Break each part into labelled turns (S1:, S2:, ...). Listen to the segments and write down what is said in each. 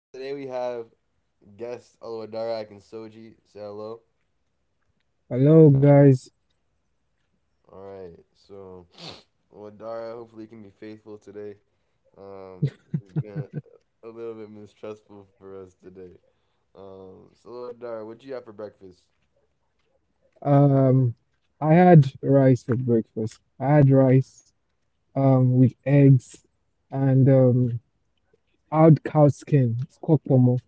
S1: Today we have guests Alwadarak and Soji. Say hello.
S2: Hello guys.
S1: All right. So Alwadara hopefully can be faithful today. Um, he's been a little bit mistrustful for us today. So Alwadara, what'd you have for breakfast?
S2: Um, I had rice for breakfast. I had rice with eggs and I had cow skin. It's called pomo.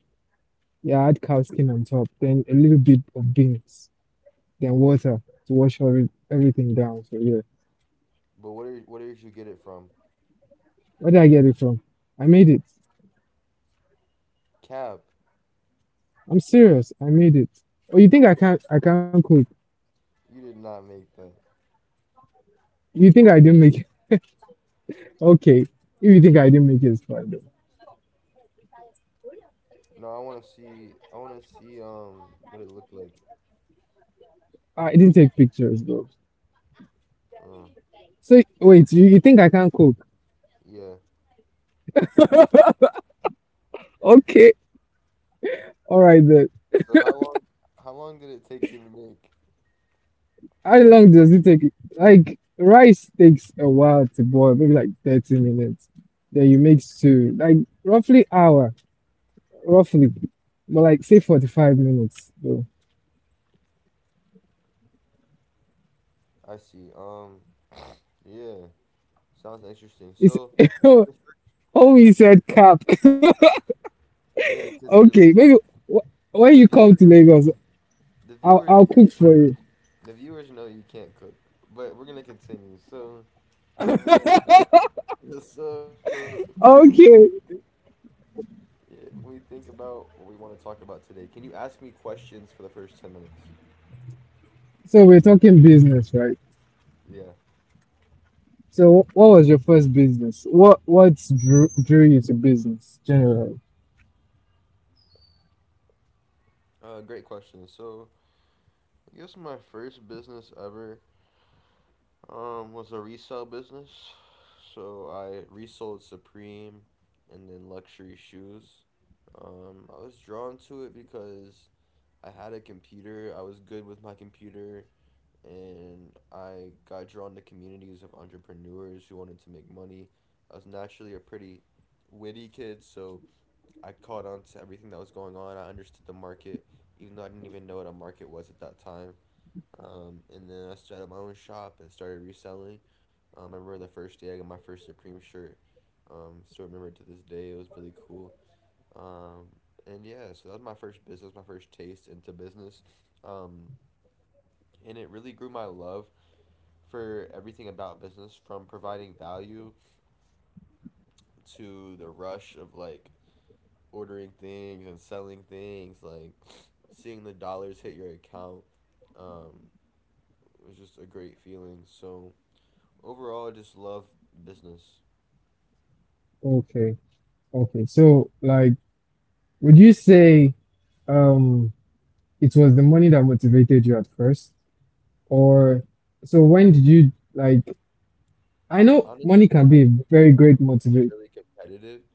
S2: Yeah, I had cow skin on top, then a little bit of beans, then water to wash everything down. So yeah.
S1: But what did you get it from?
S2: Where did I get it from? I made it.
S1: Cab.
S2: I'm serious. I made it. Oh, you think I can't cook?
S1: You did not make that.
S2: You think I didn't make it? Okay. If you think I didn't make it, it's fine though.
S1: No, I want to see. I want to see. What it looked like.
S2: Ah, I didn't take pictures though.
S1: Um,
S2: So wait, you think I can't cook?
S1: yeah.
S2: Okay, all right then.
S1: So how long did it take you to make?
S2: How long does it take? Like rice takes a while to boil, maybe like 30 minutes. Then you make stew, like roughly hour, roughly, but like say 45 minutes though.
S1: I see. Yeah, sounds interesting.
S2: It's
S1: So, the fir-
S2: oh, you said cap.
S1: yeah, because you're
S2: Okay, maybe
S1: because
S2: when you come to Lagos,
S1: the viewers
S2: I'll
S1: know,
S2: cook for you.
S1: the viewers know you can't cook, but we're gonna continue. So, uh, so
S2: Okay,
S1: yeah, when we think about what we want to talk about today, can you ask me questions for the first 10 minutes?
S2: so we're talking business, right?
S1: Yeah.
S2: So what was your first business? What drew you to business generally?
S1: Great question. So, I guess my first business ever was a resale business. So I resold Supreme and then luxury shoes. I was drawn to it because I had a computer, I was good with my computer, and I got drawn to communities of entrepreneurs who wanted to make money. I was naturally a pretty witty kid, so I caught on to everything that was going on. I understood the market, even though I didn't even know what a market was at that time. And then I started my own shop and started reselling. I remember the first day I got my first Supreme shirt. Still remember to this day. It was really cool. Um, and yeah, so that was my first business, my first taste into business. Um, and it really grew my love for everything about business, from providing value to the rush of like ordering things and selling things, like seeing the dollars hit your account. Um, it was just a great feeling. So, overall, I just love business.
S2: Okay. Okay, so like, would you say um it was the money that motivated you at first? Or so when did you like, I know
S1: Honestly,
S2: money can be a very
S1: I
S2: great
S1: feel like I'm
S2: motivator.
S1: really competitive,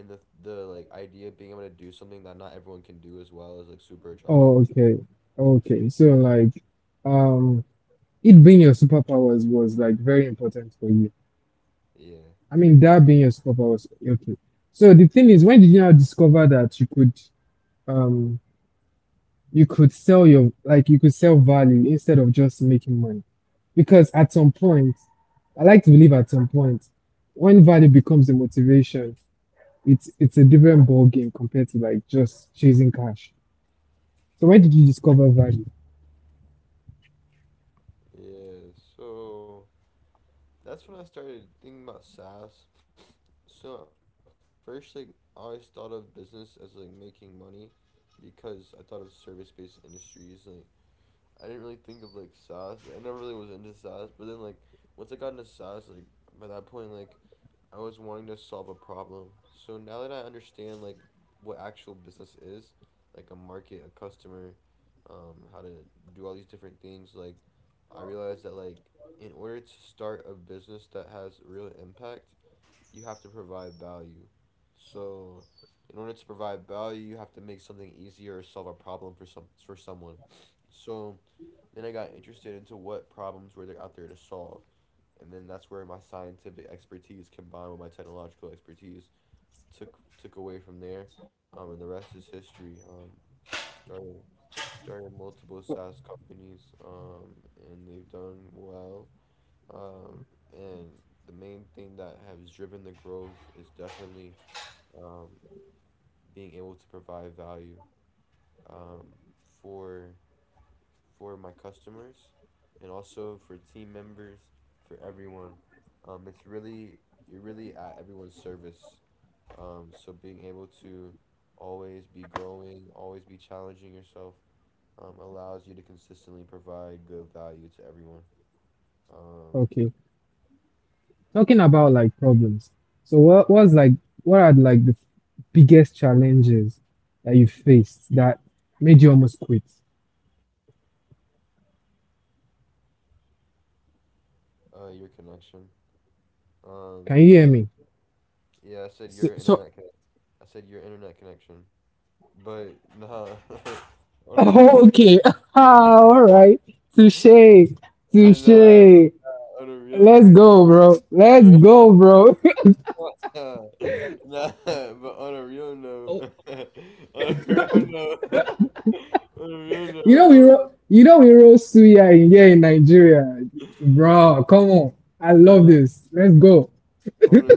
S1: and the like idea of being able to do something that not everyone can do as well is like super attractive.
S2: Oh, okay. Okay. So like, um it being your superpowers was like very important for you.
S1: Yeah,
S2: I mean that being your superpowers, okay. So the thing is, when did you now discover that um you could sell your like you could sell value instead of just making money? Because at some point, I like to believe at some point, when value becomes a motivation, it's a different ball game compared to like just chasing cash. So where did you discover value?
S1: yeah. So that's when I started thinking about SaaS. So at first, like, I always thought of business as like making money because I thought of service based industries. Like, I didn't really think of like SaaS. I never really was into SaaS, but then like, once I got into SaaS, like, by that point, like, I was wanting to solve a problem. So now that I understand like what actual business is, like a market, a customer, how to do all these different things, like, I realized that like, in order to start a business that has real impact, you have to provide value. So in order to provide value, you have to make something easier or solve a problem for someone. So then I got interested into what problems were there out there to solve. And then that's where my scientific expertise combined with my technological expertise took away from there. And the rest is history. Started Started multiple
S2: O-
S1: SaaS companies, and they've done well. Um, and the main thing that has driven the growth is definitely um, being able to provide value, um, for for my customers and also for team members, for everyone. It's really, you're really at everyone's service. So being able to always be growing, always be challenging yourself, allows you to consistently provide good value to everyone. Um,
S2: Okay, talking about like problems. So what was like, what are like the biggest challenges that you faced that made you almost quit?
S1: your connection.
S2: Can you hear
S1: Nah.
S2: me?
S1: Yeah, I said your
S2: So
S1: internet. I said your internet connection, but nah. on a,
S2: okay, all right, touche, touche.
S1: on a real,
S2: Let's go, bro.
S1: on
S2: Let's
S1: a
S2: go, bro.
S1: nah, nah, but on a real note, on a real note, on a real
S2: you know
S1: note,
S2: we you know we roast suya in here in Nigeria, bro. Come on, I love
S1: nah,
S2: this. Let's
S1: on
S2: go.
S1: on a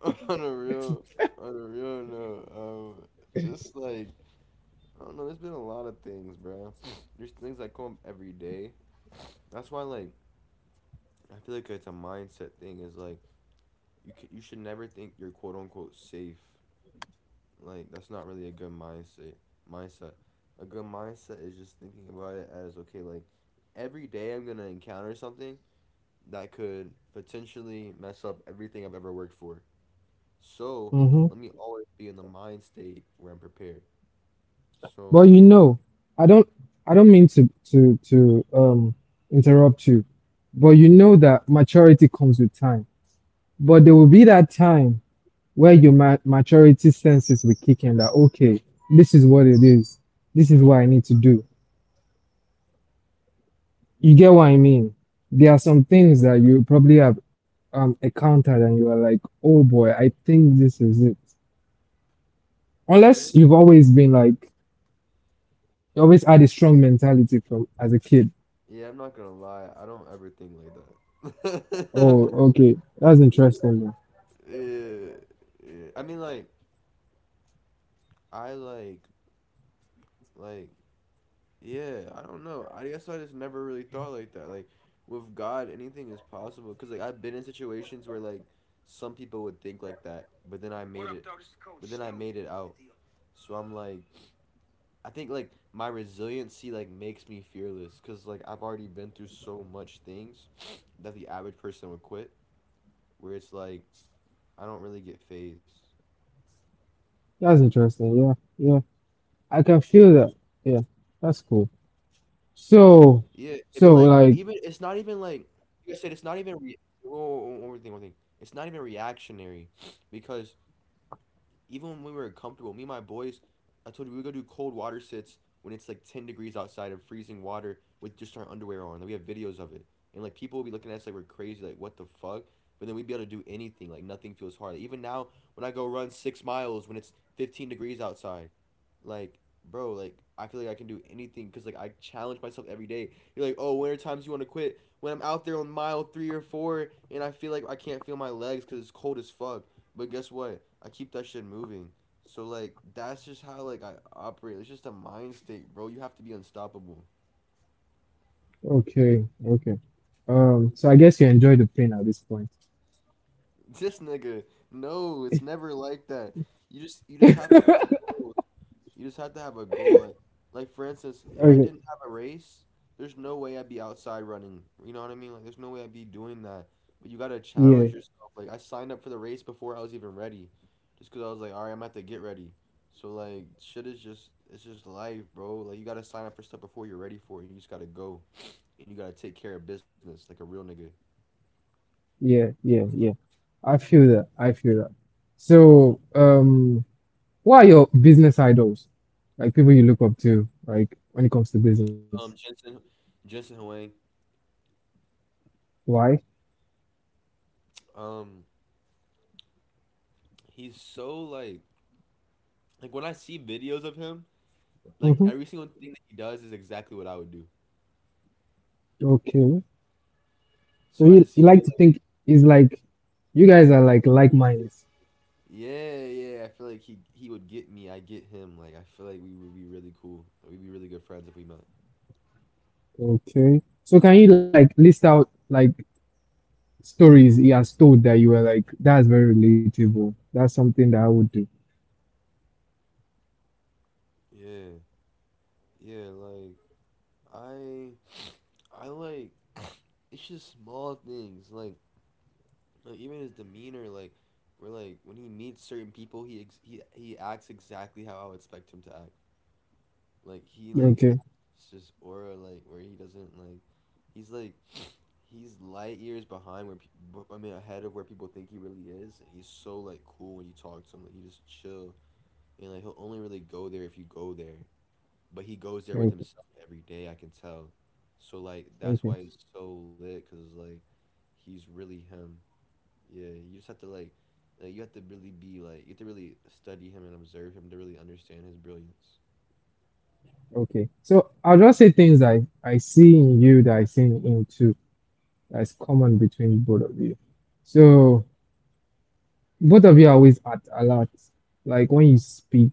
S1: on a real on a real note, just like, I don't know, there's been a lot of things, bro. There's things that come up every day. That's why, like, I feel like it's a mindset thing. Is like, you can, you should never think you're quote unquote safe. Like that's not really a good mindset. Mindset. A good mindset is just thinking about it as okay, like, every day I'm gonna encounter something that could potentially mess up everything I've ever worked for. So
S2: Hmm.
S1: let me always be in the mind state where I'm prepared.
S2: But
S1: So
S2: you know, I don't I don't mean to interrupt you, but you know that maturity comes with time. But there will be that time where your maturity senses will kick in that, okay, this is what it is. This is what I need to do. You get what I mean? There are some things that you probably have encountered and you are like, oh boy, I think this is it.
S1: yeah,
S2: Unless you've always been you always had a strong mentality from as a kid.
S1: yeah, I'm not gonna lie, I don't ever think like that.
S2: Oh, okay. That's interesting, man.
S1: yeah, yeah. I mean, like, I like yeah, I don't know. I guess I just never really thought like that. Like, with God, anything is possible. Cause like I've been in situations where like some people would think like that, but then I made it. But then I made it out. So I'm like, I think like my resiliency like makes me fearless. Cause like I've already been through so much things that the average person would quit. Where it's like, I don't really get phased.
S2: That's interesting. Yeah, yeah. I can feel that. Yeah,
S1: Yeah, eh,
S2: that's
S1: but
S2: cool.
S1: like even it's not even
S2: So
S1: like I
S2: so
S1: said it's not
S2: like
S1: even re whoa, whoa, whoa, one more thing, one thing. It's not even reactionary. Because even when we were comfortable, me and my boys, I told you we would go do cold water sits when it's like 10 degrees outside and freezing water with just our underwear on. Like, we have videos of it. And like people will be looking at us like we're crazy, like what the fuck? But then we'd be able to do anything, like nothing feels hard. Even now when I go run 6 miles when it's 15 degrees outside, like, bro, like, I feel like I can do anything because like I challenge myself every day. You're like, oh, when are times you want to quit? When I'm out there on mile three or four and I feel like I can't feel my legs because it's cold as fuck. But guess what, I keep that shit moving. So like, that's just how like I operate. It's just a mind state, bro. You have to be unstoppable.
S2: okay, okay. Um, so I guess you enjoy the pain at this point.
S1: This nigga, no, it's never like that. You just have to have goals. You just have to have a goal. Like for instance, if
S2: Okay.
S1: I didn't have a race, there's no way I'd be outside running. You know what I mean? Like, there's no way I'd be doing that. But you gotta
S2: Yeah.
S1: challenge yourself. Like, I signed up for the race before I was even ready, just because I was like, all right, I'm about to get ready. So like, shit is just it's just life, bro. Like, you gotta sign up for stuff before you're ready for it. You just gotta go, and you gotta take care of business like a real nigga.
S2: Yeah, yeah, yeah. I feel that. I feel that. So, what are your business idols? Like people you look up to, like when it comes to business.
S1: Um, Jensen, Jensen Huang.
S2: Why?
S1: Um, He's so like when I see videos of him, like
S2: Mm-hmm.
S1: every single thing that he does is exactly what I would do.
S2: Okay. So
S1: So I
S2: you,
S1: just
S2: like
S1: feel
S2: to think is like, you guys are
S1: like I feel like
S2: like
S1: he gets,
S2: minds.
S1: yeah, yeah. I feel like he would get me. I get him. Like I feel like we would be really cool. Like, we'd be really good friends if we met.
S2: Okay. So can you like list out like stories he has told that you were like, that's very relatable. That's something that I would do.
S1: Yeah, yeah. Like I, I like. It's just small things. Like even his demeanor. Like when he meets certain people, he acts exactly how I would expect him to act. Like he
S2: Okay.
S1: has this aura like, where he doesn't like, he's like, he's light years behind where people, I mean ahead of where people think he really is, and he's so like cool when you talk to him, like he just chill, and like he'll only really go there if you go there, but he goes there with
S2: Okay.
S1: himself every day, I can tell. So like
S2: Okay.
S1: that's why it's so lit, because like he's really him. Yeah, you just have to like, you have to really study him and observe him to really understand his brilliance.
S2: Okay. So I'll just say things that I see in you that I see in him too. That's common between both of you. So both of you are always at alert. Like when you speak,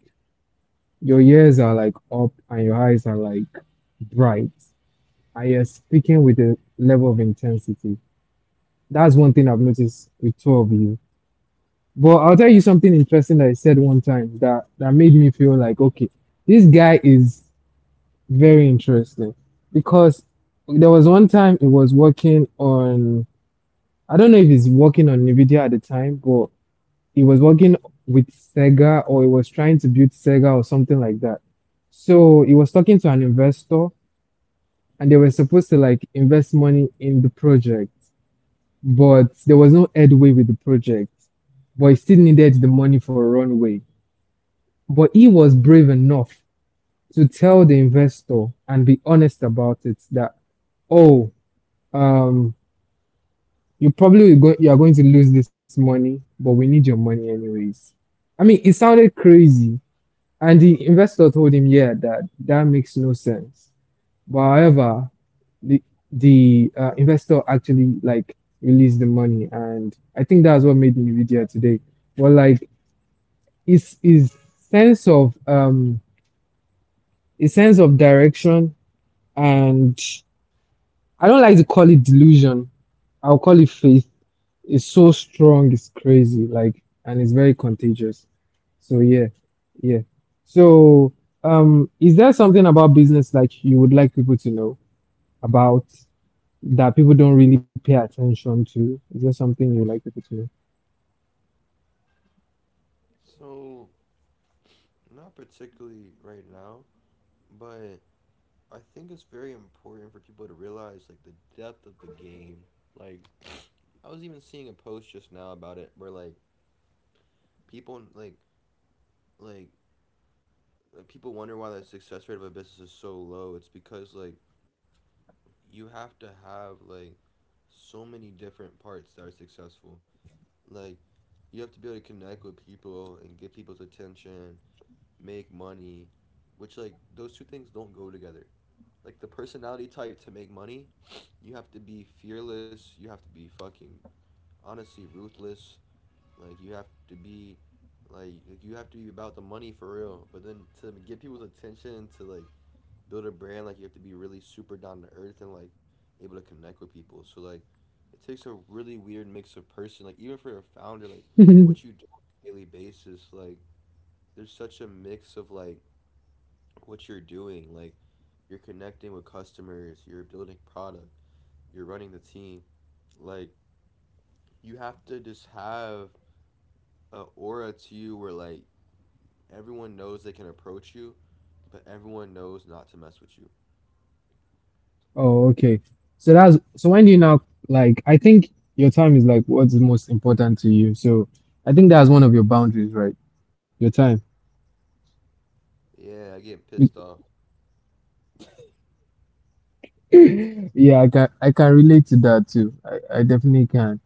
S2: your ears are like up and your eyes are like bright. And you're speaking with a level of intensity. That's one thing I've noticed with two of you. But I'll tell you something interesting that I said one time that, made me feel like, okay, this guy is very interesting. Because there was one time it was working on, I don't know if it's working on NVIDIA at the time, but it was working with Sega or it was trying to build Sega or something like that. So it was talking to an investor and they were supposed to like invest money in the project, but there was no headway with the project, but it still needed the money for a runway. But he was brave enough to tell the investor and be honest about it that, oh, Um, you probably will go, you are going to lose this money, but we need your money anyways. I mean, it sounded crazy, and the investor told him, yeah, that makes no sense. But however, the the investor actually like released the money, and I think that's what made Nvidia today. But like, his his sense of um his sense of direction, and I don't like to call it delusion. I'll call it faith. It's so strong, it's crazy, like, and it's very contagious. So yeah, yeah. So is there something about business like you would like people to know about that people don't really pay attention to? Is there something you would like people to
S1: So not particularly right now, but I think it's very important for people to realize like the depth of the game. Like, I was even seeing a post just now about it, where people like like people wonder why the success rate of a business is so low. It's because like you have to have like so many different parts that are successful. Like, you have to be able to connect with people and get people's attention, make money, which like those two things don't go together. Like, the personality type to make money, you have to be fearless, you have to be fucking honestly ruthless, like you have to be like you have to be about the money for real. But then to get people's attention to build a brand, like you have to be really super down to earth and like able to connect with people. So like it takes a really weird mix of person. Like even for a founder, like
S2: know?
S1: what you do on a daily basis, like there's such a mix of like what you're doing. Like you're connecting with customers, you're building product, you're running the team. Like you have to just have a aura to you where like everyone knows they can approach you, but everyone knows not to mess with you.
S2: Oh, okay. So that's so when you now like, I think your time is like what's most important to you. So I think that's one of your boundaries, right? Your time.
S1: Yeah, I get pissed off.
S2: Yeah, I can relate to that too. I definitely can.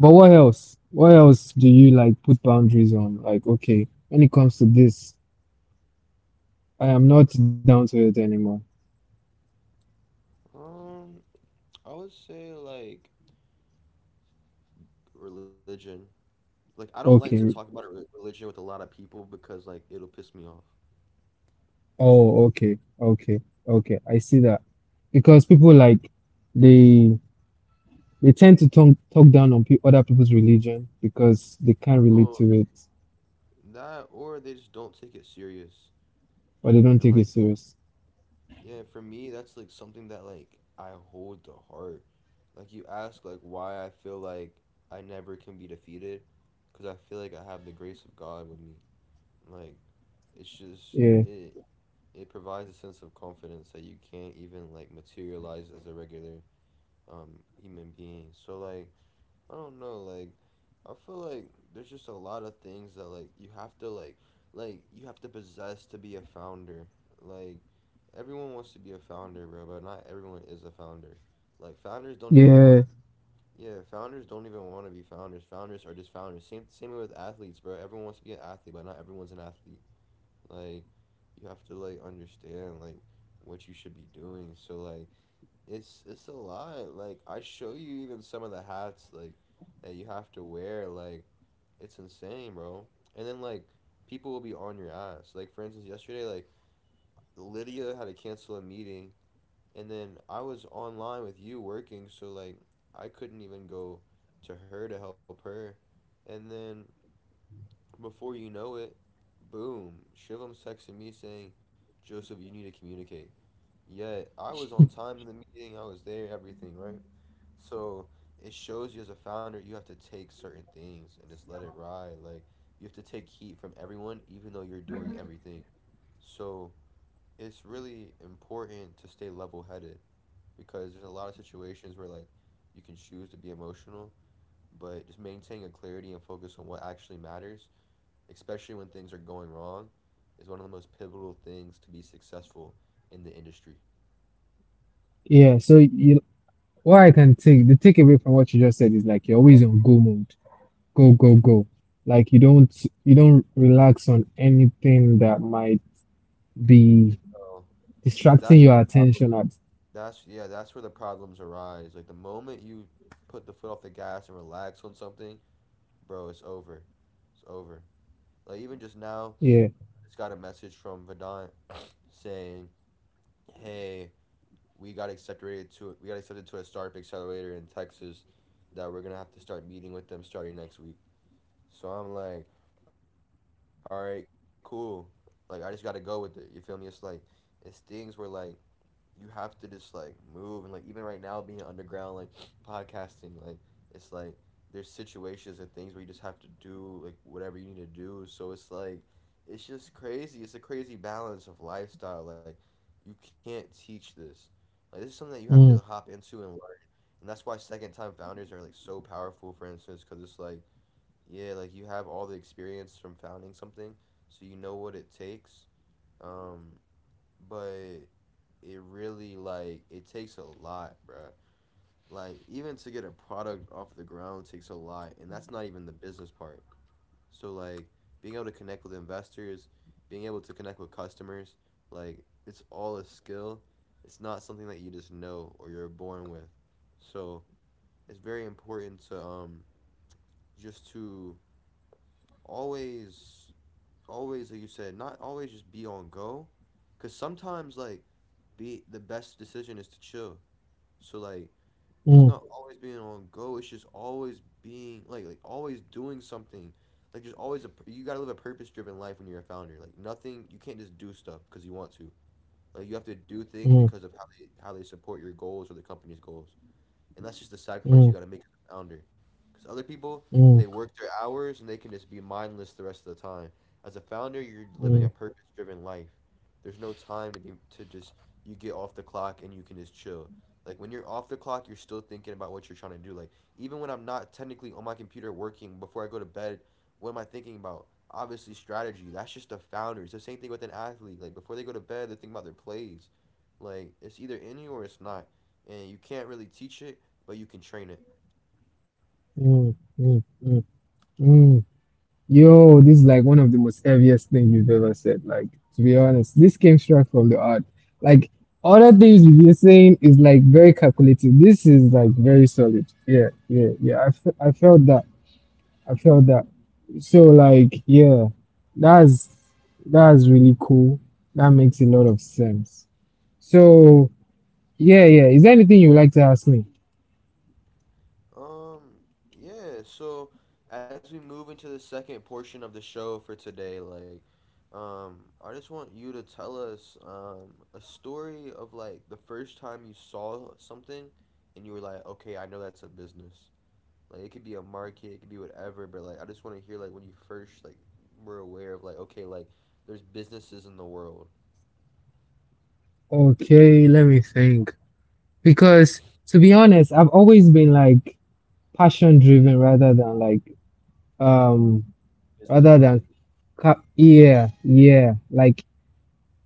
S2: But what else? What else do you like put boundaries on? Like, okay, when it comes to this, I am not down to it anymore.
S1: Um, I would say like religion. Like I don't like to talk
S2: Okay.
S1: about religion with a lot of people because like it'll piss me off.
S2: Oh, okay. Okay. Okay. I see that. Because people like they tend to talk down on pe other people's religion because they can't
S1: Well,
S2: relate to it,
S1: that or they just don't take it serious.
S2: or they
S1: And
S2: don't
S1: like
S2: take it serious.
S1: yeah, for me, that's like something that like I hold to heart. Like you ask like why I feel like I never can be defeated, because I feel like I have the grace of God with me. Like it's just
S2: Yeah.
S1: it it provides a sense of confidence that you can't even like materialize as a regular human being. So like I don't know, like I feel like there's just a lot of things that like you have to like you have to possess to be a founder. Like everyone wants to be a founder, bro, but not everyone is a founder. Like founders don't even want
S2: Yeah.
S1: yeah, founders don't even want to be founders. Founders are just founders. Same with athletes, bro. Everyone wants to be an athlete, but not everyone's an athlete. Like you have to like understand like what you should be doing. So like it's a lot. Like I show you even some of the hats like that you have to wear. Like it's insane, bro. And then like people will be on your ass. Like for instance, yesterday like Lydia had to cancel a meeting, and then I was online with you working, so like I couldn't even go to her to help her. And then before you know it, boom, Shivam texted me saying, "Joseph, you need to communicate." Yeah, I was on time in the meeting, I was there, everything, right? So it shows you as a founder, you have to take certain things and just let it ride. Like, you have to take heat from everyone, even though you're doing everything. So it's really important to stay level-headed because there's a lot of situations where, like, you can choose to be emotional, but just maintain a clarity and focus on what actually matters, especially when things are going wrong, is one of the most pivotal things to be successful in the industry.
S2: Yeah. So you, what I can take the takeaway from what you just said is like you're always on go mode. Go go go, like you don't relax on anything that might be
S1: So, because that's
S2: distracting
S1: where the
S2: your
S1: problem.
S2: attention at,
S1: That's yeah. That's where the problems arise. Like the moment you put the foot off the gas and relax on something, bro, it's over. It's over. Like even just now,
S2: yeah.
S1: I just got a message from Vedant saying, "Hey, we got accepted to a startup accelerator in Texas that we're gonna have to start meeting with them starting next week." So I'm like, "All right, cool." Like I just gotta go with it. You feel me? It's like it's things where like you have to just like move and like even right now being underground like podcasting like it's like there's situations and things where you just have to do like whatever you need to do so it's like it's just crazy it's a crazy balance of lifestyle like you can't teach this like this is something that you have to hop
S2: mm,
S1: into and learn and that's why second time founders are like so powerful for instance because it's like yeah like you have all the experience from founding something so you know what it takes um but it really like it takes a lot, bruh. Like even to get a product off the ground takes a lot, and that's not even the business part. So like being able to connect with investors, being able to connect with customers, like it's all a skill. It's not something that you just know or you're born with. So it's very important to just to always always like you said not always just be on go because sometimes like be the best decision is to chill so like it's
S2: mm,
S1: not always being on go it's just always being like always doing something like there's always a you gotta live a purpose driven life when you're a founder like nothing you can't just do stuff because you want to like you have to do things
S2: mm,
S1: because of how they support your goals or the company's goals and that's just the sacrifice you
S2: mm,
S1: got to make as a founder. Because other people,
S2: mm,
S1: they
S2: mm,
S1: work their hours and they can just be mindless the rest of the time. As a founder, you're living a purpose-driven life. There's no time to be to just you get off the clock and you can just chill. Like when you're off the clock, you're still thinking about what you're trying to do. Like even when I'm not technically on my computer working before I go to bed, what am I thinking about? Obviously, strategy. That's just a founder. It's the same thing with an athlete. Like before they go to bed, they're thinking about their plays. Like it's either in you or it's not, and you can't really teach it but you can train it.
S2: mm, mm, mm, mm. Yo, this is like one of the most heaviest things you've ever said, like, to be honest, this came straight from the heart. Like other things you've been saying is like very calculative, this is like very solid. Yeah, yeah, yeah. I felt that. I felt that. So like, yeah, that's really cool. That makes a lot of sense. So yeah, yeah. Is there anything you'd like to ask me?
S1: Um, yeah, so as we move into the second portion of the show for today, like, I just want you to tell us a story of like the first time you saw something and you were like, okay, I know that's a business. Like, it could be a market, it could be whatever, but like, I just want to hear like when you first like were aware of like, okay, like, there's businesses in the world,
S2: Okay, let me think. Because to be honest, I've always been like passion driven rather than like um
S1: business
S2: rather than
S1: minded.
S2: yeah, yeah. Like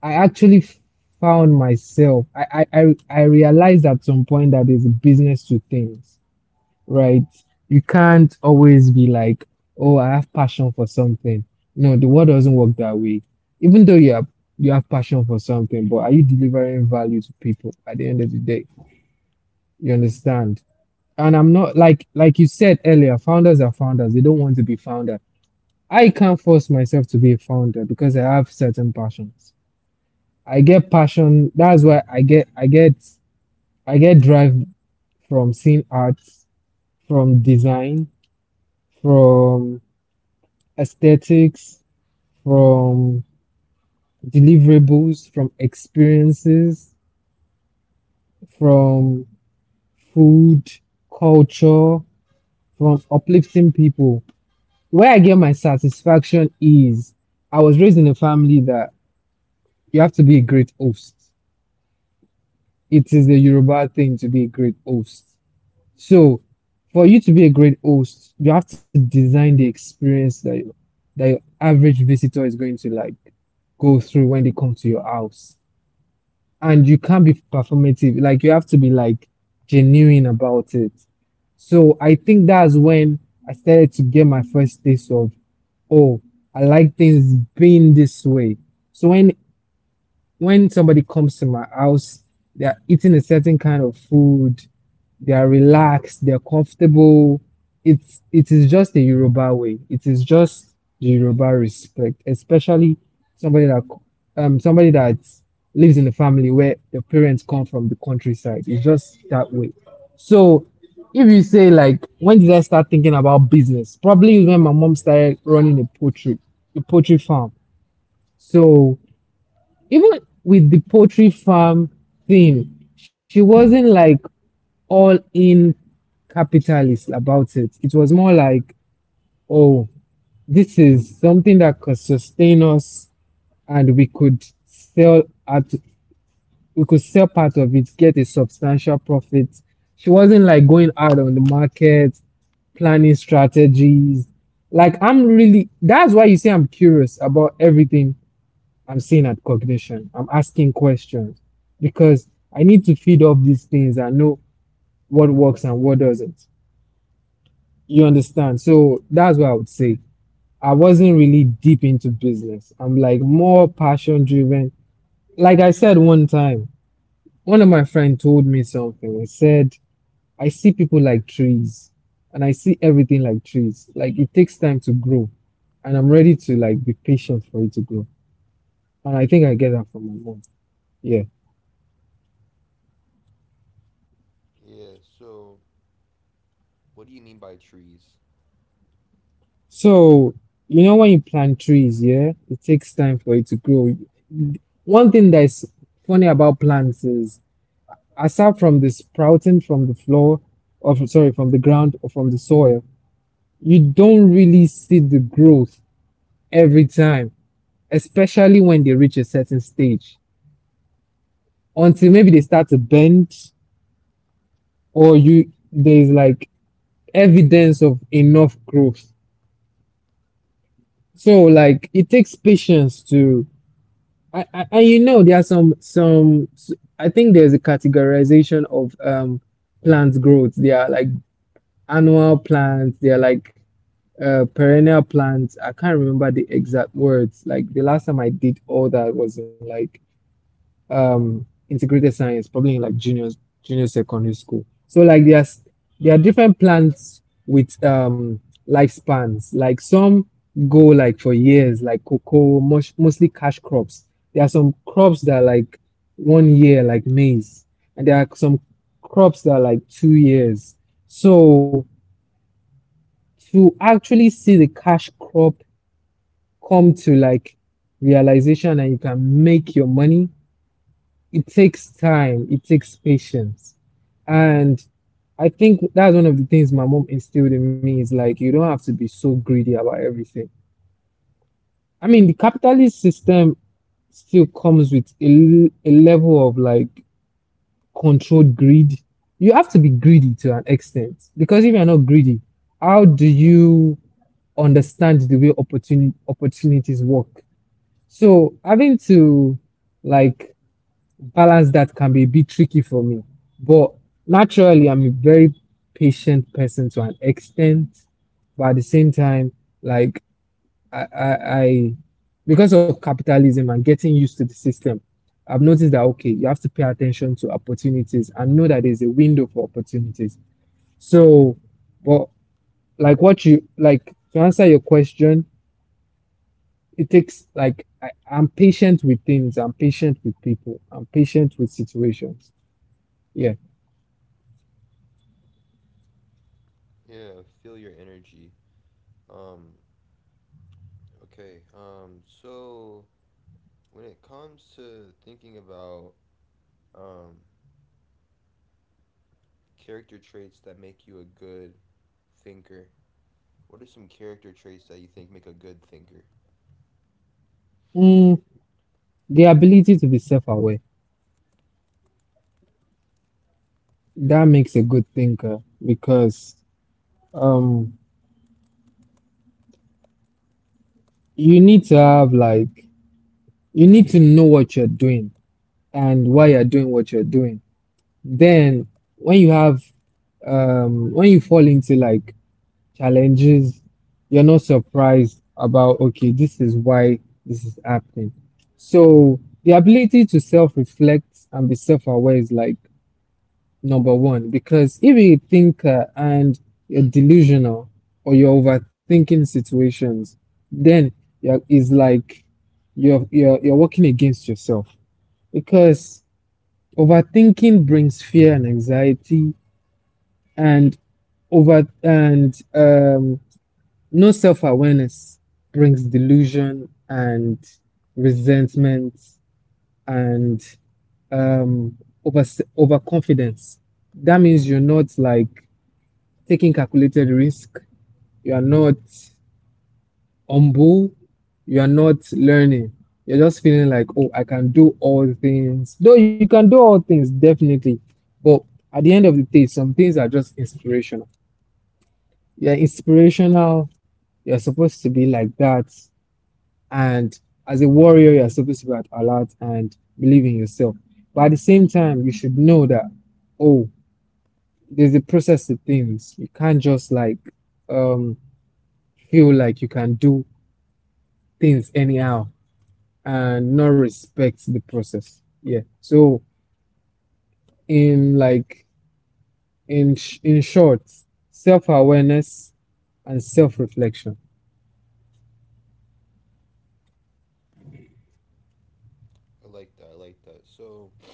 S2: I actually found myself. I realized at some point that there's a business to things. Right? You can't always be like, oh, I have passion for something. No, the world doesn't work that way. Even though you have, passion for something, but are you delivering value to people at the end of the day? You understand? And I'm not like, like you said earlier, founders are founders. They don't want to be founder. I can't force myself to be a founder because I have certain passions. I get passion. That's why I get drive from seeing arts, from design, from aesthetics, from deliverables, from experiences, from food, culture, from uplifting people. Where I get my satisfaction is I was raised in a family that you have to be a great host. It is the Yoruba thing to be a great host. So, for you to be a great host, you have to design the experience that that your average visitor is going to like go through when they come to your house. And you can't be performative. Like you have to be like genuine about it. So I think that's when I started to get my first taste of, oh, I like things being this way. So when somebody comes to my house, they are eating a certain kind of food, they are relaxed, they're comfortable. It is just the Yoruba way. It is just the Yoruba respect, especially somebody that somebody that lives in a family where the parents come from the countryside. It's just that way. So if you say like when did I start thinking about business? Probably when my mom started running a poultry farm. So even with the poultry farm thing, she wasn't like all in capitalist about it. It was more like, oh, this is something that could sustain us and we could sell at, we could sell part of it, get a substantial profit. She wasn't like going out on the market, planning strategies. Like I'm really, that's why you see I'm curious about everything I'm seeing at cognition. I'm asking questions because I need to feed off these things and know what works and what doesn't. You understand? So that's what I would say. I wasn't really deep into business. I'm like more passion driven. Like I said one time, one of my friend told me something. He said, I see people like trees and I see everything like trees. Like it takes time to grow and I'm ready to like be patient for it to grow. And I think I get that from my mom. Yeah.
S1: Yeah, so what do you mean by trees?
S2: So, you know, when you plant trees, yeah, it takes time for it to grow. One thing that's funny about plants is aside from the sprouting from the floor of sorry from the ground or from the soil you don't really see the growth every time, especially when they reach a certain stage until maybe they start to bend or you there's like evidence of enough growth. So like it takes patience to and you know there are some I think there's a categorization of plant growth. They are like annual plants, they are like perennial plants. I can't remember the exact words. Like the last time I did all that was in like integrated science, probably in like junior secondary school. So like there's there are different plants with lifespans. Like some go like for years, like cocoa, mush, mostly cash crops. There are some crops that are like 1 year, like maize, and there are some crops that are like 2 years. So to actually see the cash crop come to like realization that you can make your money, it takes time, it takes patience. And I think that's one of the things my mom instilled in me is like you don't have to be so greedy about everything. I mean, the capitalist system still comes with a level of like controlled greed. You have to be greedy to an extent because if you're not greedy, how do you understand the way opportunities work? So having to like balance that can be a bit tricky for me. But naturally, I'm a very patient person to an extent. But at the same time, like I because of capitalism and getting used to the system, I've noticed that okay, you have to pay attention to opportunities and know that there's a window for opportunities. So, but like what you like to answer your question, it takes like I'm patient with things, I'm patient with people, I'm patient with situations. Yeah.
S1: Yeah, feel your energy. Um, okay. So when it comes to thinking about um, character traits that make you a good thinker, what are some character traits that you think make a good thinker?
S2: Mm, the ability to be self-aware, that makes a good thinker because um you need to have like you need to know what you're doing and why you're doing what you're doing. Then when you have when you fall into like challenges, you're not surprised about, okay, this is why this is happening. So, the ability to self reflect and be self aware is like number one, because if you're a thinker and you're delusional or you're overthinking situations, then it's like you're working against yourself because overthinking brings fear and anxiety and over and no self awareness brings delusion and resentment and um, over, overconfidence. That means you're not like taking calculated risk. You are not humble. You are not learning. You're just feeling like, oh, I can do all things. Though you can do all things, definitely. But at the end of the day, some things are just inspirational. You're inspirational. You're supposed to be like that. And as a warrior, you're supposed to be at alert and believe in yourself. But at the same time, you should know that oh, there's a process to things. You can't just like um feel like you can do things anyhow and not respect the process. Yeah. So in like in short, self awareness and self reflection.
S1: I like that. I like that. So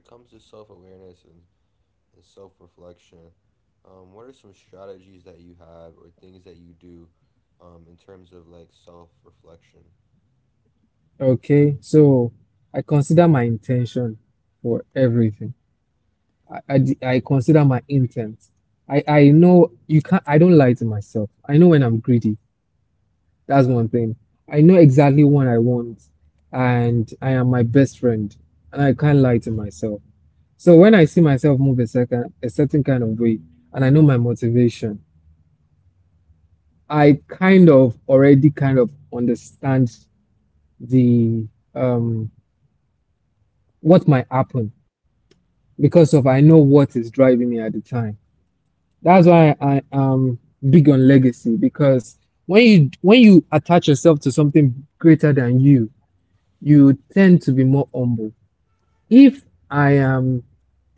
S1: when it comes to self awareness and self reflection, what are some strategies that you have or things that you do in terms of like self reflection?
S2: Okay. So I consider my intention for everything. I consider my intent. I know you can't, I don't lie to myself. I know when I'm greedy. That's one thing. I know exactly what I want, and I am my best friend, and I can't lie to myself. So when I see myself move a certain kind of way, and I know my motivation, I kind of already kind of understand the um what might happen because of I know what is driving me at the time. That's why I am big on legacy because when you attach yourself to something greater than you, you tend to be more humble. If I am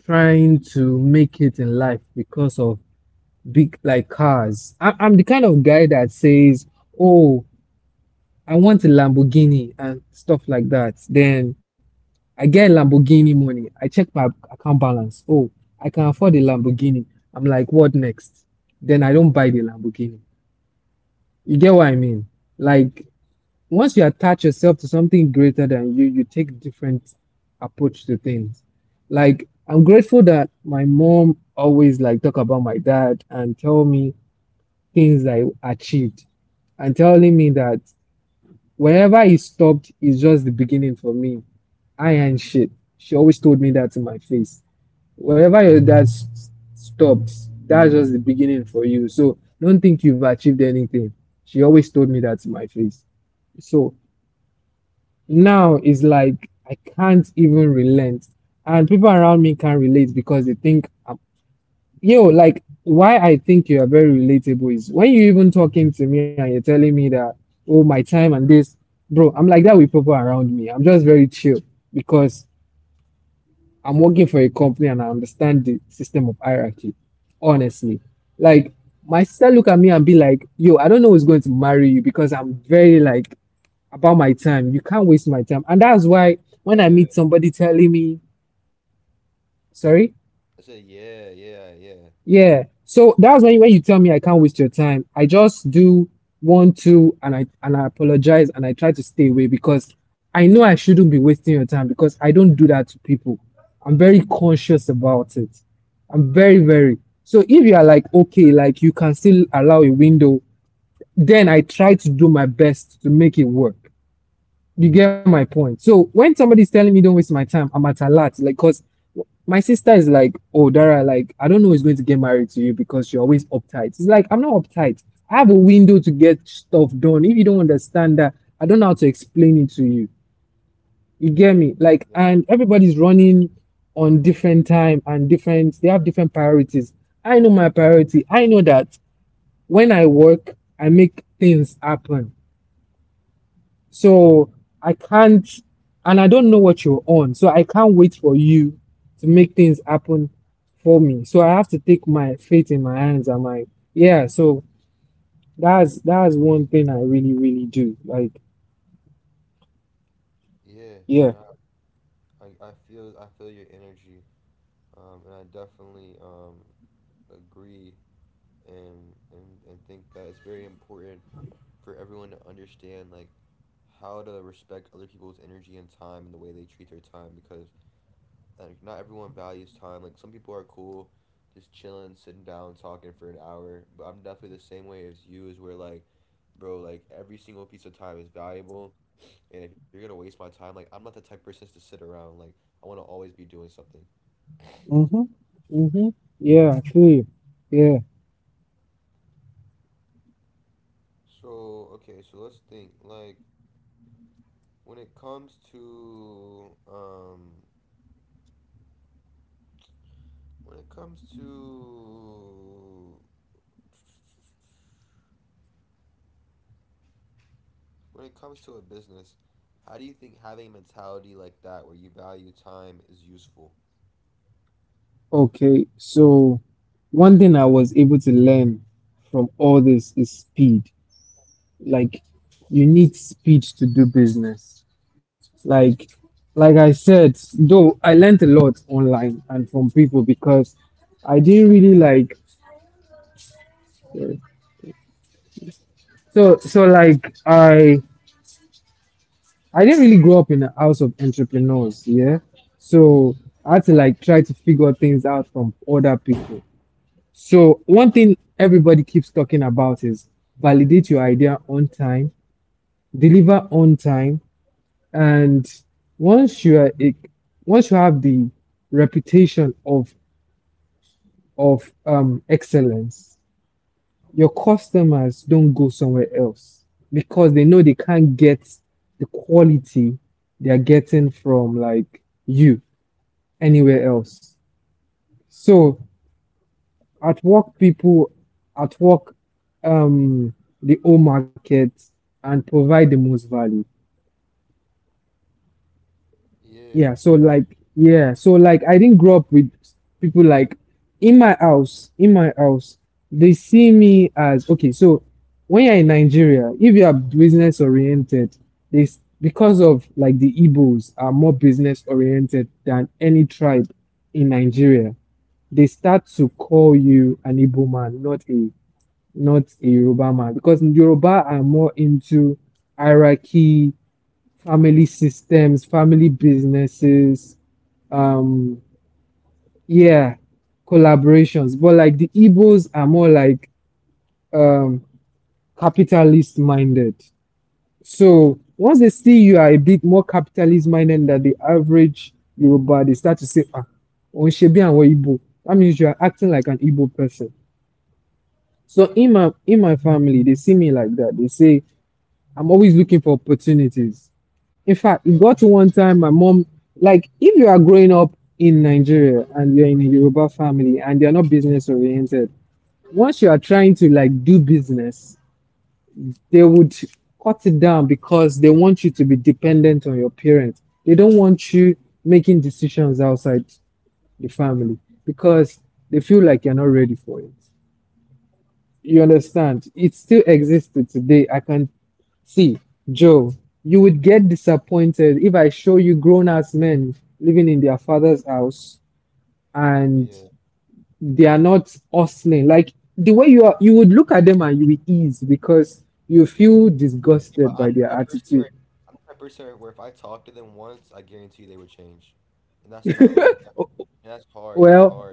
S2: trying to make it in life because of big like cars, I'm the kind of guy that says, "Oh, I want a Lamborghini and stuff like that." Then I get Lamborghini money. I check my account balance. Oh, I can afford a Lamborghini. I'm like, "What next?" Then I don't buy the Lamborghini. You get what I mean? Like once you attach yourself to something greater than you, you take different approach to things. Like I'm grateful that my mom always like talk about my dad and tell me things I achieved and telling me that whenever he stopped is just the beginning for me. I ain't shit. She always told me that in my face wherever your dad stops, that's just the beginning for you. So don't think you've achieved anything. She always told me that to my face. So now it's like I can't even relent. And people around me can't relate because they think I'm, yo, like why I think you are very relatable is when you even talking to me and you're telling me that, oh, my time and this, bro, I'm like that with people around me. I'm just very chill because I'm working for a company and I understand the system of hierarchy. Honestly, like my sister look at me and be like, "Yo, I don't know who's going to marry you because I'm very like about my time. You can't waste my time." And that's why when I meet
S1: Yeah.
S2: somebody telling me, "Sorry,"
S1: I said, yeah, yeah, yeah.
S2: yeah. So that's when you tell me I can't waste your time, I just do one, two, and I apologize and I try to stay away because I know I shouldn't be wasting your time because I don't do that to people. I'm very conscious about it. I'm very, very. So if you are like, okay, like you can still allow a window, then I try to do my best to make it work. You get my point. So when somebody's telling me don't waste my time, I'm at a lot. Like, cause my sister is like, oh Dara, like I don't know who's going to get married to you because you're always uptight. It's like I'm not uptight. I have a window to get stuff done. If you don't understand that, I don't know how to explain it to you. You get me?
S1: Yep.
S2: Like, and everybody's running on different time and different. They have different priorities. I know my priority. I know that when I work, I make things happen. So I can't, and I don't know what you're on. So I can't wait for you to make things happen for me. So I have to take my fate in my hands. I'm like, yeah. So that's one thing I really really do. Like,
S1: Yeah.
S2: yeah.
S1: Nah. I feel I feel your energy, and I definitely agree and think that it's very important for everyone to understand like how to respect other people's energy and time and the way they treat their time because like not everyone values time. Like some people are cool, just chilling, sitting down, talking for an hour. But I'm definitely the same way as you. Is where like, bro, like every single piece of time is valuable, and if you're gonna waste my time, like I'm not the type of person to sit around. Like I want to always be doing something.
S2: Mhm. Mhm. Yeah, I feel you. Yeah.
S1: So, okay, so let's think. Like when it comes to when it comes to when it comes to a business, how do you think having a mentality like that where you value time is useful?
S2: Okay. So one thing I was able to learn from all this is speed. Like, you need speed to do business. Like, like I said, though I learned a lot online and from people because I didn't really like. So like I didn't really grow up in a house of entrepreneurs. Yeah, so I had to like try to figure things out from other people. So one thing everybody keeps talking about is validate your idea on time, deliver on time, and once you are a, once you have the reputation of excellence, your customers don't go somewhere else because they know they can't get the quality they are getting from like you anywhere else. So at work, people at work, um, the whole market and provide the most value.
S1: Yeah,
S2: Yeah, so like I didn't grow up with people like in my house, they see me as okay, so when you're in Nigeria, if you are business oriented, they because of like the Igbos are more business oriented than any tribe in Nigeria, they start to call you an Igbo man, not a Yoruba man, because Yoruba are more into hierarchy family systems, family businesses, um, yeah, collaborations. But like the Igbos are more like um, capitalist minded. So once they see you are a bit more capitalist minded than the average Yoruba, they start to say, ah, Onshebi and Igbo. That means you are acting like an Igbo person. So in my family, they see me like that. They say, I'm always looking for opportunities. In fact, it got to one time my mom, like, if you are growing up in Nigeria and you're in a Yoruba family and you're not business oriented, once you are trying to like do business, they would cut it down because they want you to be dependent on your parents. They don't want you making decisions outside the family because they feel like you're not ready for it. You understand? It still exists to today. I can see, Joe, you would get disappointed if I show you grown ass men living in their father's house and
S1: yeah,
S2: they are not hustling. Like the way you are, you would look at them and you would ease because you feel
S1: yeah, but
S2: disgusted
S1: I'm the
S2: by their
S1: type of person where
S2: attitude.
S1: if I talk to them once, I guarantee you they would change. And that's not like that,
S2: Oh,
S1: and that's
S2: well.
S1: hard.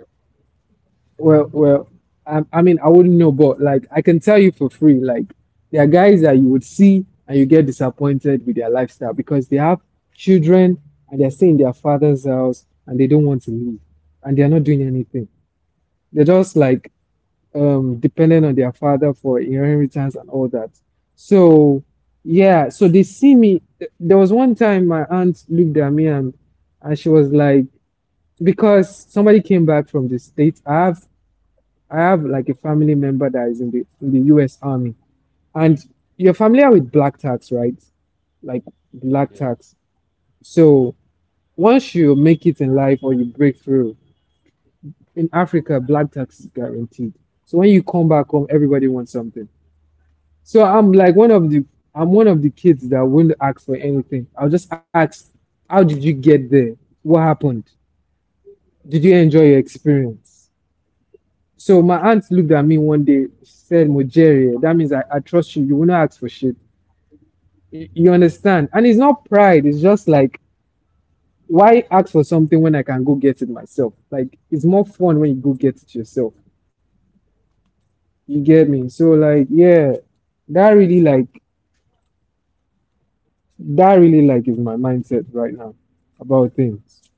S2: Well, I mean, I wouldn't know, but like, I can tell you for free, like, there are guys that you would see and you get disappointed with their lifestyle because they have children and they're staying in their father's house and they don't want to leave and they're not doing anything. They're just like dependent on their father for inheritance and all that. So, yeah, so they see me. There was one time my aunt looked at me and she was like, because somebody came back from the States. I have like a family member that is in the US Army. And you're familiar with black tax, right? Like black tax. So once you make it in life or you break through, in Africa, black tax is guaranteed. So when you come back home, everybody wants something. So I'm like one of the I'm one of the kids that wouldn't ask for anything. I'll just ask, how did you get there? What happened? Did you enjoy your experience? So my aunt looked at me one day, she said, Mojere, that means I trust you. You will not ask for shit. You understand? And it's not pride. It's just like, why ask for something when I can go get it myself? Like, it's more fun when you go get it yourself. You get me? So, like, yeah, that really, like, that really, like, is my mindset right now about things.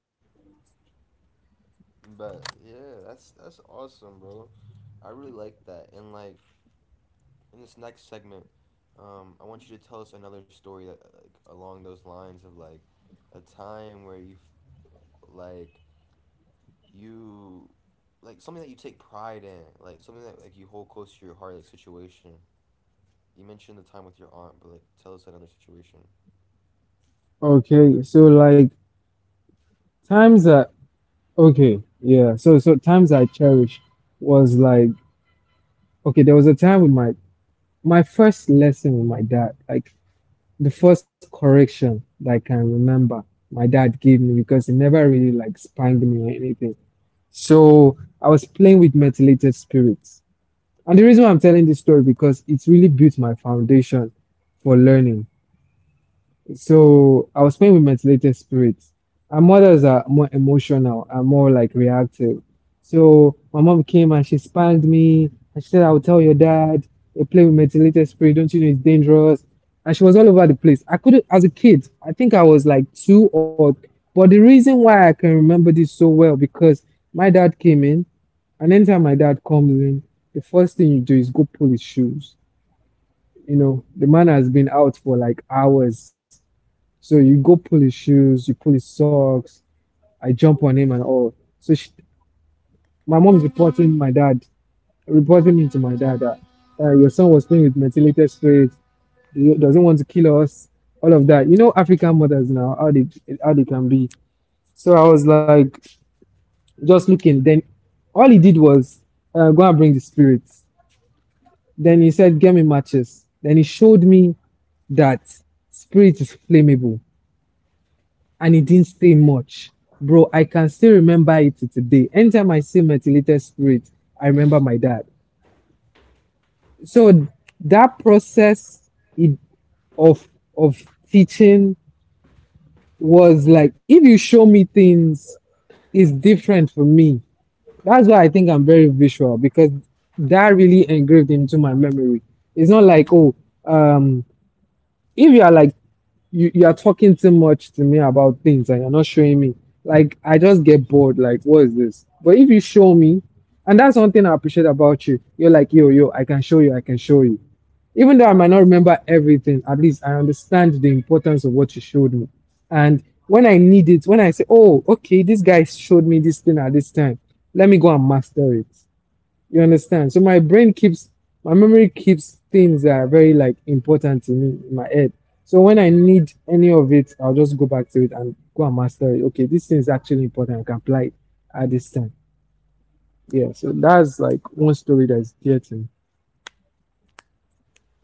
S1: But yeah, that's awesome, bro. I really like that. And like in this next segment, I want you to tell us another story that like along those lines of like a time where you felt like you like something that you take pride in, like something that like you hold close to your heart, like situation. You mentioned the time with your aunt, but like tell us another situation.
S2: Okay. So, like, times that, okay. Yeah. So times I cherish was like, okay, there was a time with my first lesson with my dad, like the first correction that I can remember my dad gave me because he never really like spanked me or anything. So I was playing with methylated spirits. And the reason why I'm telling this story because it's really built my foundation for learning. So I was playing with methylated spirits. Our mothers are more emotional and more like reactive. So my mom came and she spanked me and she said, I'll tell your dad, you play with methylated spirit, don't you know it's dangerous? And she was all over the place. I couldn't, as a kid, I think I was like two or, but the reason why I can remember this so well because my dad came in and anytime my dad comes in, the first thing you do is go pull his shoes. You know, the man has been out for like hours so you go pull his shoes, you pull his socks. I jump on him and all. So she, my mom is reporting my dad, reporting me to my dad that your son was playing with methylated spirit. He doesn't want to kill us. All of that. You know African mothers now how they can be. So I was like just looking. Then all he did was go and bring the spirits. Then he said, "Get me matches." Then he showed me that spirit is flammable. And it didn't say much. Bro, I can still remember it today. Anytime I see methylated spirit, I remember my dad. So that process of of teaching was like if you show me things, it's different for me. That's why I think I'm very visual because that really engraved into my memory. It's not like oh um if you are like you are talking too much to me about things and you're not showing me, like I just get bored, like what is this? But if you show me, and that's one thing I appreciate about you, you're like, yo, I can show you, even though I might not remember everything, at least I understand the importance of what you showed me. And when I need it, when I say, oh, okay, this guy showed me this thing at this time, let me go and master it. You understand? So my brain keeps, my memory keeps things that are very like important to me in my head. So when I need any of it, I'll just go back to it and go and master it. Okay, this thing is actually important. I can apply it at this time. Yeah. So that's like one story that's dear to me.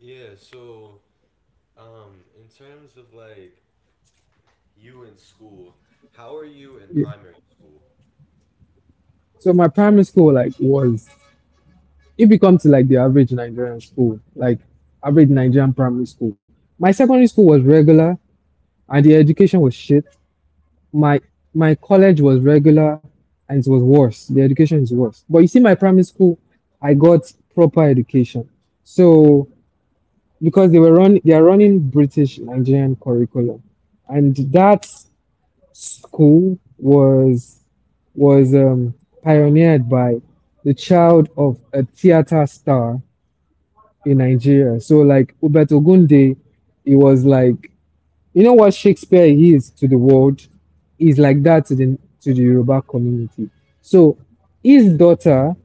S1: Yeah, so in terms of like you in school, how are you in
S2: Yeah.
S1: primary school?
S2: So my primary school like was it becomes to like the average Nigerian school, like average Nigerian primary school. My secondary school was regular and the education was shit. My my college was regular and it was worse. The education is worse. But you see, my primary school, I got proper education. So because they were run they are running British Nigerian curriculum. And that school was was um, pioneered by the child of a theater star in Nigeria. So like Ubet Ogunde, he was like you know what Shakespeare is to the world is like that to the Yoruba community. So his daughter,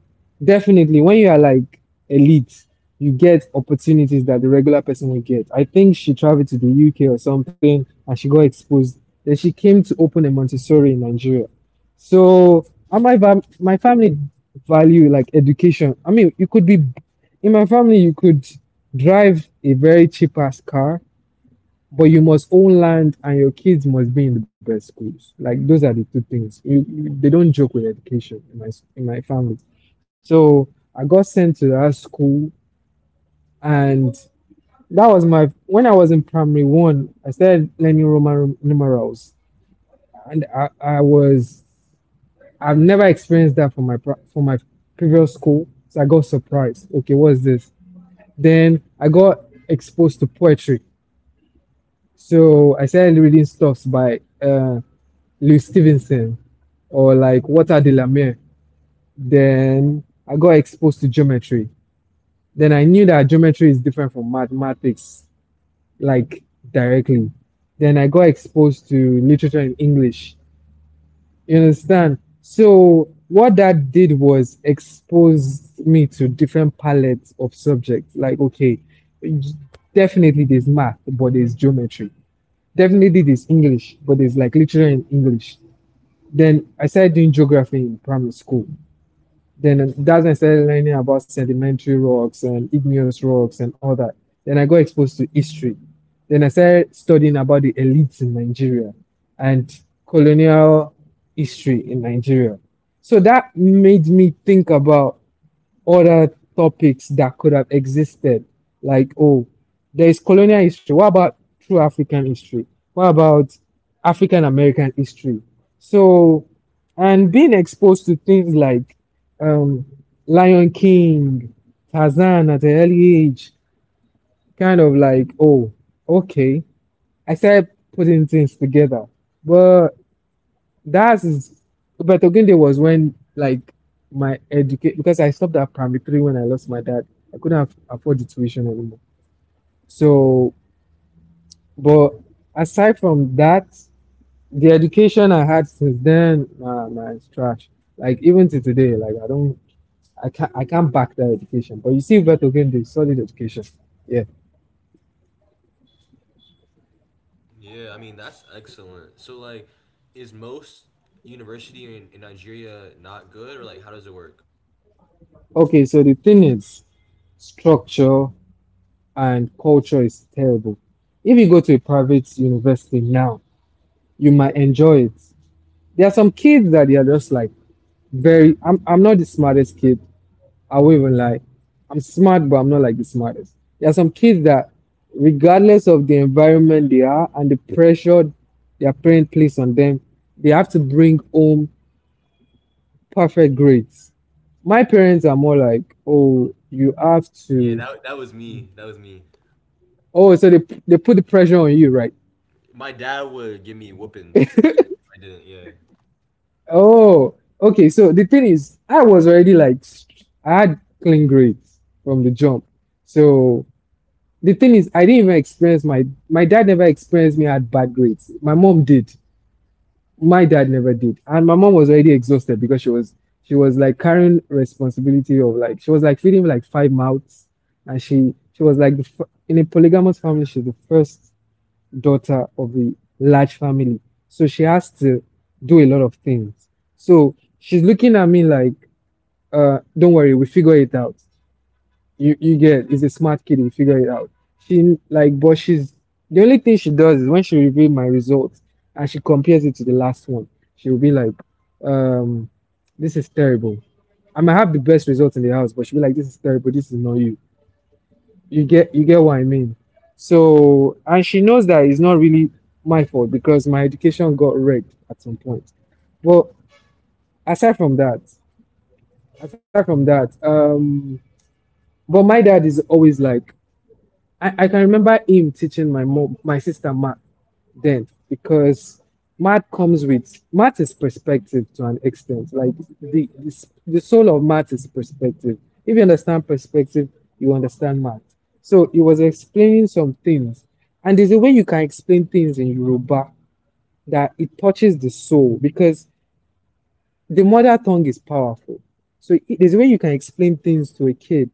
S2: definitely, when you are like elite, you get opportunities that the regular person will get. I think she traveled to the UK or something, and she got exposed. Then she came to open a Montessori in Nigeria. So, and my family value like education. I mean, you could be in my family, you could drive a very cheap ass car but you must own land and your kids must be in the best schools. Like those are the two things. They don't joke with education in my family. So I got sent to that school, and that was my when I was in primary one. I started learning Roman numerals, and I've never experienced that from from my previous school. So I got surprised. Okay, what's this? Then I got exposed to poetry. So I started reading stuffs by Louis Stevenson or like Walter de la Mare. Then I got exposed to geometry. Then I knew that geometry is different from mathematics, like directly. Then I got exposed to literature in English. You understand? So what that did was exposed me to different palettes of subjects. Like, okay, definitely there's math, but there's geometry definitely did is English, but it's like literally in English. Then I started doing geography in primary school. Then that's when I started learning about sedimentary rocks and igneous rocks and all that. Then I got exposed to history. Then I started studying about the elites in Nigeria and colonial history in Nigeria. So that made me think about other topics that could have existed. Like, oh, there is colonial history. What about true African history? What about African American history? So, and being exposed to things like um, Lion King, Tarzan at an early age, kind of like, oh, okay. I started putting things together. But that's but Ogende was when like my educate because I stopped at primary three when I lost my dad. I couldn't have afford the tuition anymore. So, but aside from that, the education I had since then, nah, nah, it's trash. Like even to today, like I don't, I can't back that education. But you see, but again, the solid education. Yeah.
S1: Yeah, I mean that's excellent. So like, is most university in Nigeria not good, or like how does it work?
S2: Okay. So the thing is, structure and culture is terrible. If you go to a private university now you might enjoy it. There are some kids that they are just like very. I'm not the smartest kid. I won't even lie. I'm smart, but I'm not like the smartest. There are some kids that, regardless of the environment they are and the pressure their parent place on them, they have to bring home perfect grades. My parents are more like, oh, you have
S1: Yeah,
S2: to.
S1: that was me. That was me.
S2: Oh, so they put the pressure on you, right?
S1: My dad would give me whoopings if I did, if I didn't. Yeah.
S2: Oh, okay. So the thing is, I was already like, I had clean grades from the jump. So the thing is, I didn't even experience my my dad never experienced me had bad grades. My mom did. My dad never did. And my mom was already exhausted because she was like carrying responsibility of like she was like feeding like five mouths, and she was like in a polygamous family she's the first daughter of a large family. So she has to do a lot of things. So she's looking at me like, don't worry, we figure it out. You get it's a smart kid, we figure it out. She like, but she's the only thing she does is when she reveals my results and she compares it to the last one, she will be like, um, this is terrible. I might have the best results in the house, but she'll be like, this is terrible, this is not you. You get what I mean. So and she knows that it's not really my fault because my education got wrecked at some point. But aside from that, aside from that, but my dad is always like I can remember him teaching my mom, my sister math then because math comes with math is perspective to an extent. Like the the, the soul of math is perspective. If you understand perspective, you understand math. So he was explaining some things, and there's a way you can explain things in Yoruba that it touches the soul because the mother tongue is powerful. So there's a way you can explain things to a kid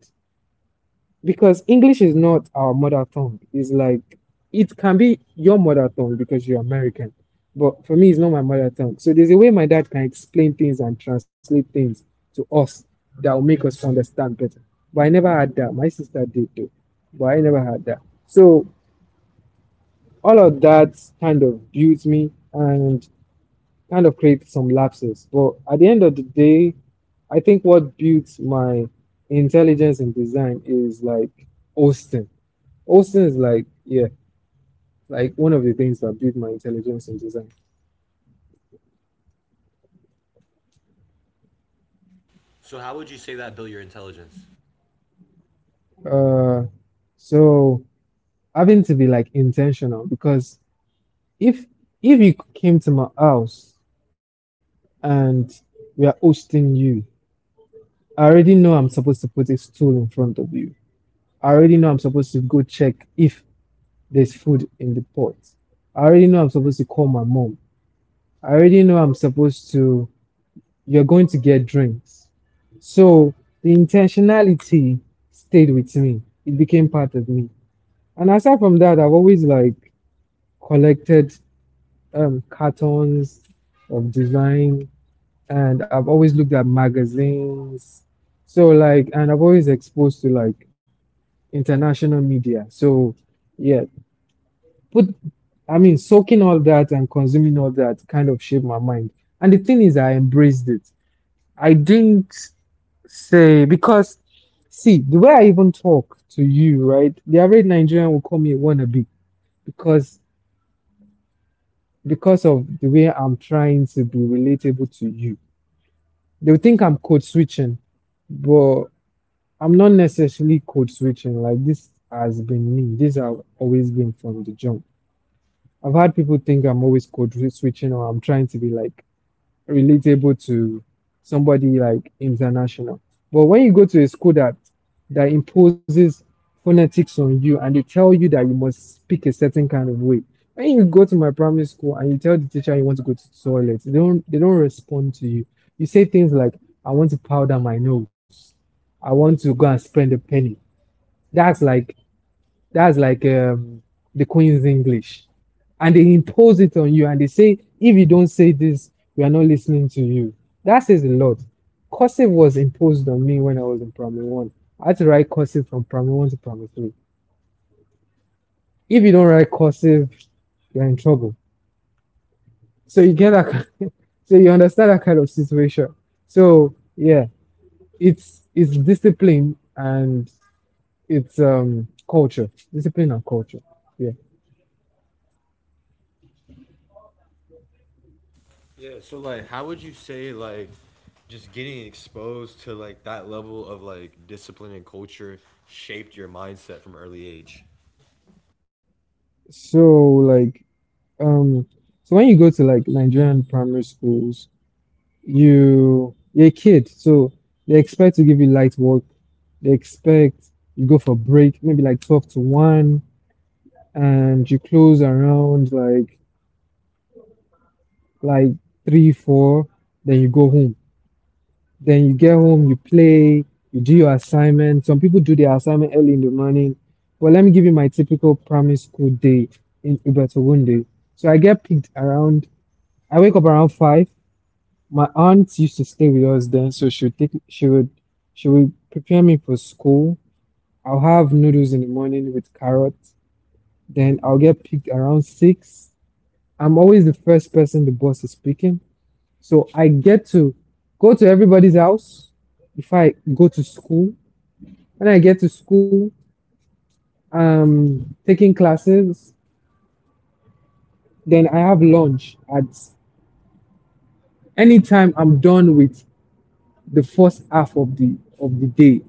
S2: because English is not our mother tongue. It's like it can be your mother tongue because you're American, but for me, it's not my mother tongue. So there's a way my dad can explain things and translate things to us that will make us understand better. But I never had that. My sister did though, but I never had that. So all of that kind of built me, and kind of create some lapses. But at the end of the day, I think what built my intelligence in design is like Austin. Austin is like, yeah, like one of the things that built my intelligence in design.
S1: So how would you say that built your intelligence?
S2: Uh, so having to be like intentional because if if you came to my house and we are hosting you, I already know I'm supposed to put a stool in front of you. I already know I'm supposed to go check if there's food in the pot. I already know I'm supposed to call my mom. I already know I'm supposed to, you're going to get drinks. So the intentionality stayed with me. It became part of me. And aside from that, I've always like collected cartons of design and I've always looked at magazines. So like, and I've always exposed to like international media. So yeah, put I mean, soaking all that and consuming all that kind of shaped my mind. And the thing is, I embraced it. I didn't say because see the way I even talk to you, right? The average Nigerian will call me a wannabe because because of the way I'm trying to be relatable to you. They will think I'm code switching, but I'm not necessarily code switching. Like this has been me. This has always been from the jump. I've had people think I'm always switching or I'm trying to be like relatable to somebody like international. But when you go to a school that imposes phonetics on you and they tell you that you must speak a certain kind of way. When you go to my primary school and you tell the teacher you want to go to the toilet, they don't respond to you. You say things like, I want to powder my nose. I want to go and spend a penny. That's like that's like the Queen's English. And they impose it on you and they say, if you don't say this, we are not listening to you. That says a lot. Cursive was imposed on me when I was in primary one. I had to write cursive from primary one to primary three. If you don't write cursive, you're in trouble. So you get that. So you understand that kind of situation. So yeah, it's discipline and it's culture, discipline and culture. Yeah.
S1: Yeah, so like how would you say like just getting exposed to like that level of like discipline and culture shaped your mindset from early age?
S2: So like Um, so when you go to like Nigerian primary schools, you're a kid, so they expect to give you light work. They expect you go for break, maybe like 12 to 1, and you close around like 3, 4, then you go home. Then you get home, you play, you do your assignment. Some people do their assignment early in the morning. But let me give you my typical primary school day in Uberto Wunde. So I wake up around 5. My aunt used to stay with us then, so she would take she would prepare me for school. I'll have noodles in the morning with carrots. Then I'll get picked around six. I'm always the first person the boss is picking. So I get to go to everybody's house if I go to school. When I get to school, taking classes, then I have lunch at any time I'm done with the first half of the day.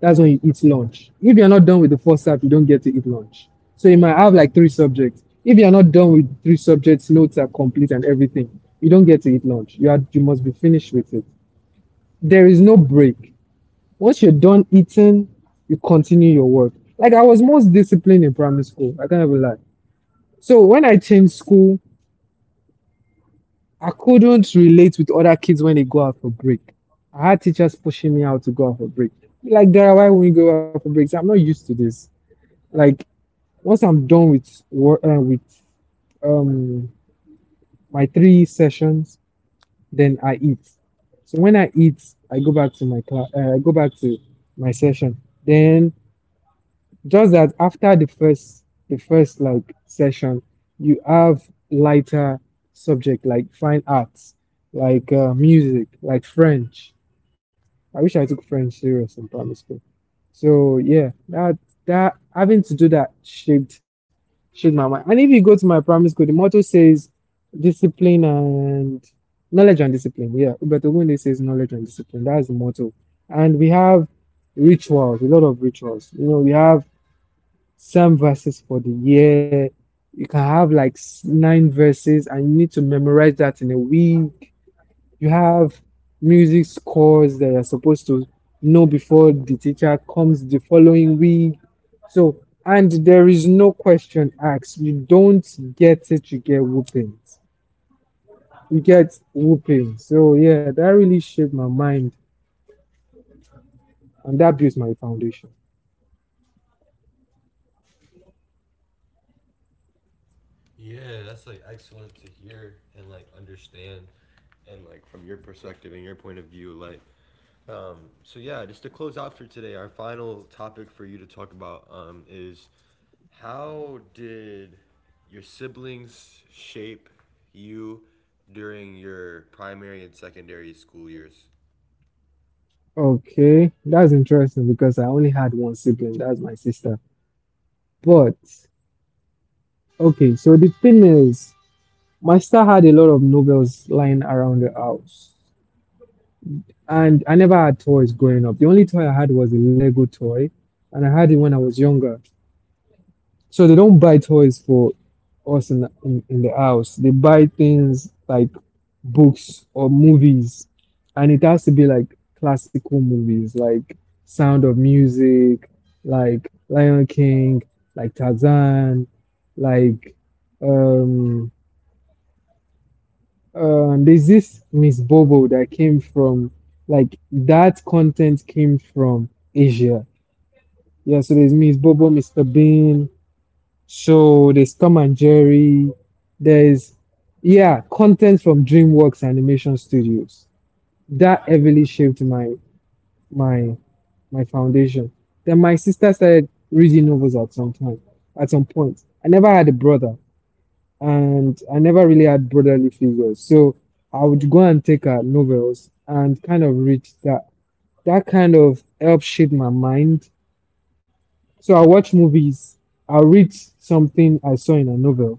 S2: That's when you eat lunch. If you're not done with the first half, you don't get to eat lunch. So you might have like three subjects. If you're not done with three subjects, notes are complete and everything, you don't get to eat lunch. You must be finished with it. There is no break. Once you're done eating, you continue your work. Like I was most disciplined in primary school. I can't even lie. So when I changed school, I couldn't relate with other kids when they go out for break. I had teachers pushing me out to go out for break. Like, Dara, why won't you go out for breaks? I'm not used to this. Like, once I'm done with work, with um my three sessions, then I eat. So when I eat, I go back to my class. I go back to my session. Then just that after the first like session, you have lighter subject like fine arts, like music, like French. I wish I took French serious in primary school. So yeah, that having to do that shaped my mind. And if you go to my primary school, the motto says discipline and knowledge and discipline. Yeah, Ubet Ogunde says knowledge and discipline. That's the motto. And we have rituals, a lot of rituals. You know, we have some verses for the year. You can have like nine verses and you need to memorize that in a week. You have music scores that you're supposed to know before the teacher comes the following week. So, and there is no question asked. You don't get it, you get whoopings. You get whooping. So, yeah, that really shaped my mind and that built my foundation.
S1: Yeah, that's like excellent to hear and like understand and like from your perspective and your point of view like um so yeah, just to close out for today, our final topic for you to talk about is how did your siblings shape you during your primary and secondary school years?
S2: Okay, that's interesting because I only had one sibling, that's my sister. But okay, so the thing is, my sister had a lot of Nobels lying around the house. And I never had toys growing up. The only toy I had was a Lego toy, and I had it when I was younger. So they don't buy toys for us in the house. They buy things like books or movies, and it has to be like classical movies, like Sound of Music, like Lion King, like Tarzan, like um there's this Miss Bobo that came from that content came from Asia. Yeah, so there's Miss Bobo, Mr. Bean, so there's Tom and Jerry, there's yeah, content from DreamWorks Animation Studios. That heavily shaped my my foundation. Then my sister started reading novels at at some point. I never had a brother, and I never really had brotherly figures. So I would go and take her novels and kind of read that. That kind of helped shape my mind. So I watch movies, I read something I saw in a novel,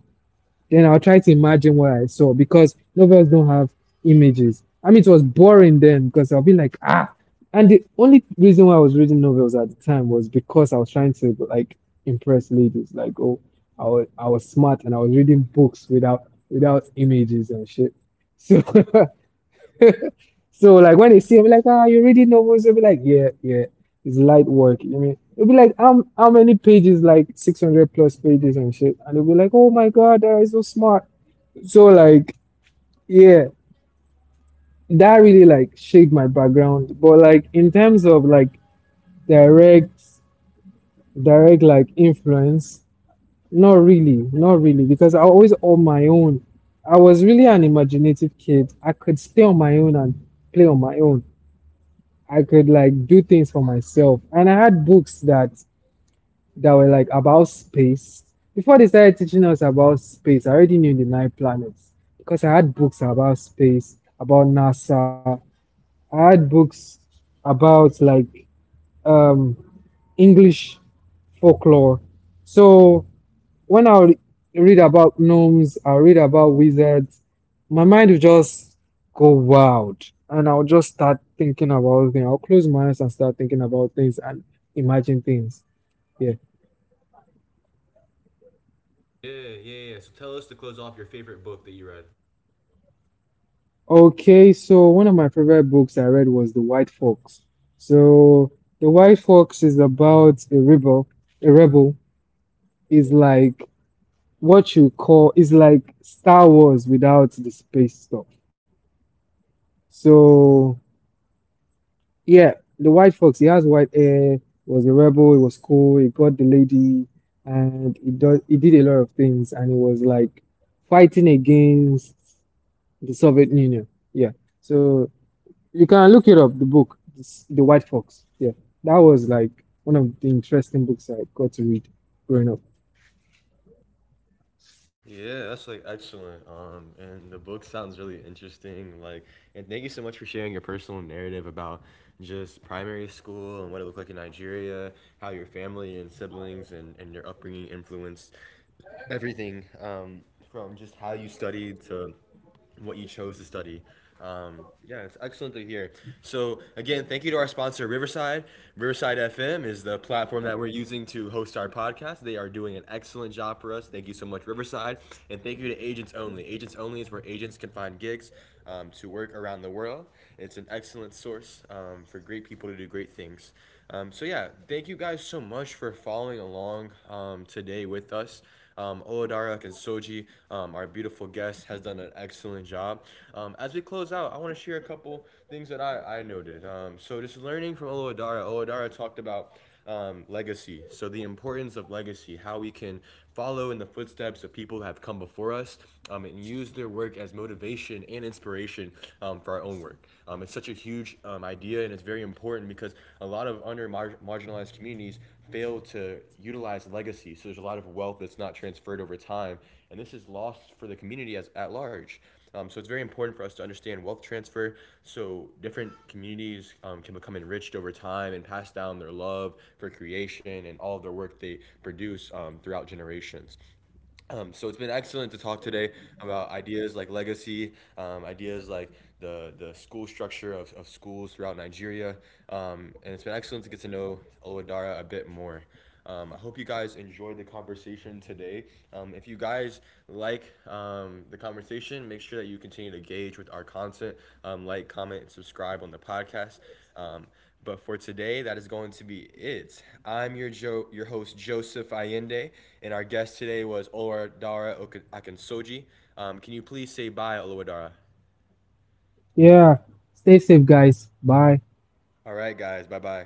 S2: then I'll try to imagine what I saw because novels don't have images. I mean, it was boring then because I'll be like, ah. And the only reason why I was reading novels at the time was because I was trying to like impress ladies. Like, oh, I was smart and I was reading books without images and shit. So, so like when they see me, like, ah, you are reading novels? They'll be like, yeah, yeah, it's light work. You know what I mean? It'll be like, how many pages? Like 600 plus pages and shit. And they'll be like, oh my god, that is so smart. So like yeah, that really like shaped my background. But like in terms of like direct direct like influence, not really, not really, because I always on my own. I was really an imaginative kid. I could stay on my own and play on my own. I could like do things for myself. And I had books that were like about space. Before they started teaching us about space, I already knew the nine planets because I had books about space, about NASA, I had books about like um, English folklore. So when I would read about gnomes, I read about wizards, my mind would just go wild, and I'll just start thinking about things. I'll close my eyes and start thinking about things and imagine things. Yeah.
S1: Yeah, yeah. So tell us to close off your favorite book that you read.
S2: Okay, so one of my favorite books I read was The White Fox. So The White Fox is about a rebel. A rebel is like what you call is like Star Wars without the space stuff. So yeah, the White Fox, he has white hair, was a rebel, he was cool, he got the lady, and he did a lot of things and he was like fighting against the Soviet Union. Yeah. So you can look it up, the book, The White Fox. Yeah. That was like one of the interesting books I got to read growing up.
S1: Yeah, that's like excellent. And the book sounds really interesting. Like, and thank you so much for sharing your personal narrative about just primary school and what it looked like in Nigeria, how your family and siblings and your upbringing influenced everything from just how you studied to what you chose to study. Yeah, it's excellent to hear. So, again, thank you to our sponsor, Riverside. Riverside FM is the platform that we're using to host our podcast. They are doing an excellent job for us. Thank you so much, Riverside. And thank you to Agents Only. Agents Only is where agents can find gigs to work around the world. It's an excellent source for great people to do great things. So, yeah, thank you guys so much for following along today with us. Oladarak and Soji, our beautiful guest, has done an excellent job. As we close out, I want to share a couple things that I noted. So just learning from Olodara, Olodara talked about legacy. So the importance of legacy, how we can follow in the footsteps of people who have come before us and use their work as motivation and inspiration for our own work. It's such a huge idea and it's very important because a lot of under marginalized communities fail to utilize legacy. So there's a lot of wealth that's not transferred over time, and this is lost for the community as at large. So it's very important for us to understand wealth transfer. So different communities can become enriched over time and pass down their love for creation and all of their work they produce throughout generations. So it's been excellent to talk today about ideas like legacy, ideas like the school structure of schools throughout Nigeria, and it's been excellent to get to know Oloadara a bit more. I hope you guys enjoyed the conversation today. If you guys like the conversation, make sure that you continue to engage with our content, like, comment, and subscribe on the podcast. Um, but for today, that is going to be it. I'm your your host Joseph Allende, and our guest today was Oluwadara Akinsoji. Can you please say bye, Oluwadara?
S2: Yeah. Stay safe guys. Bye.
S1: All right, guys. Bye bye.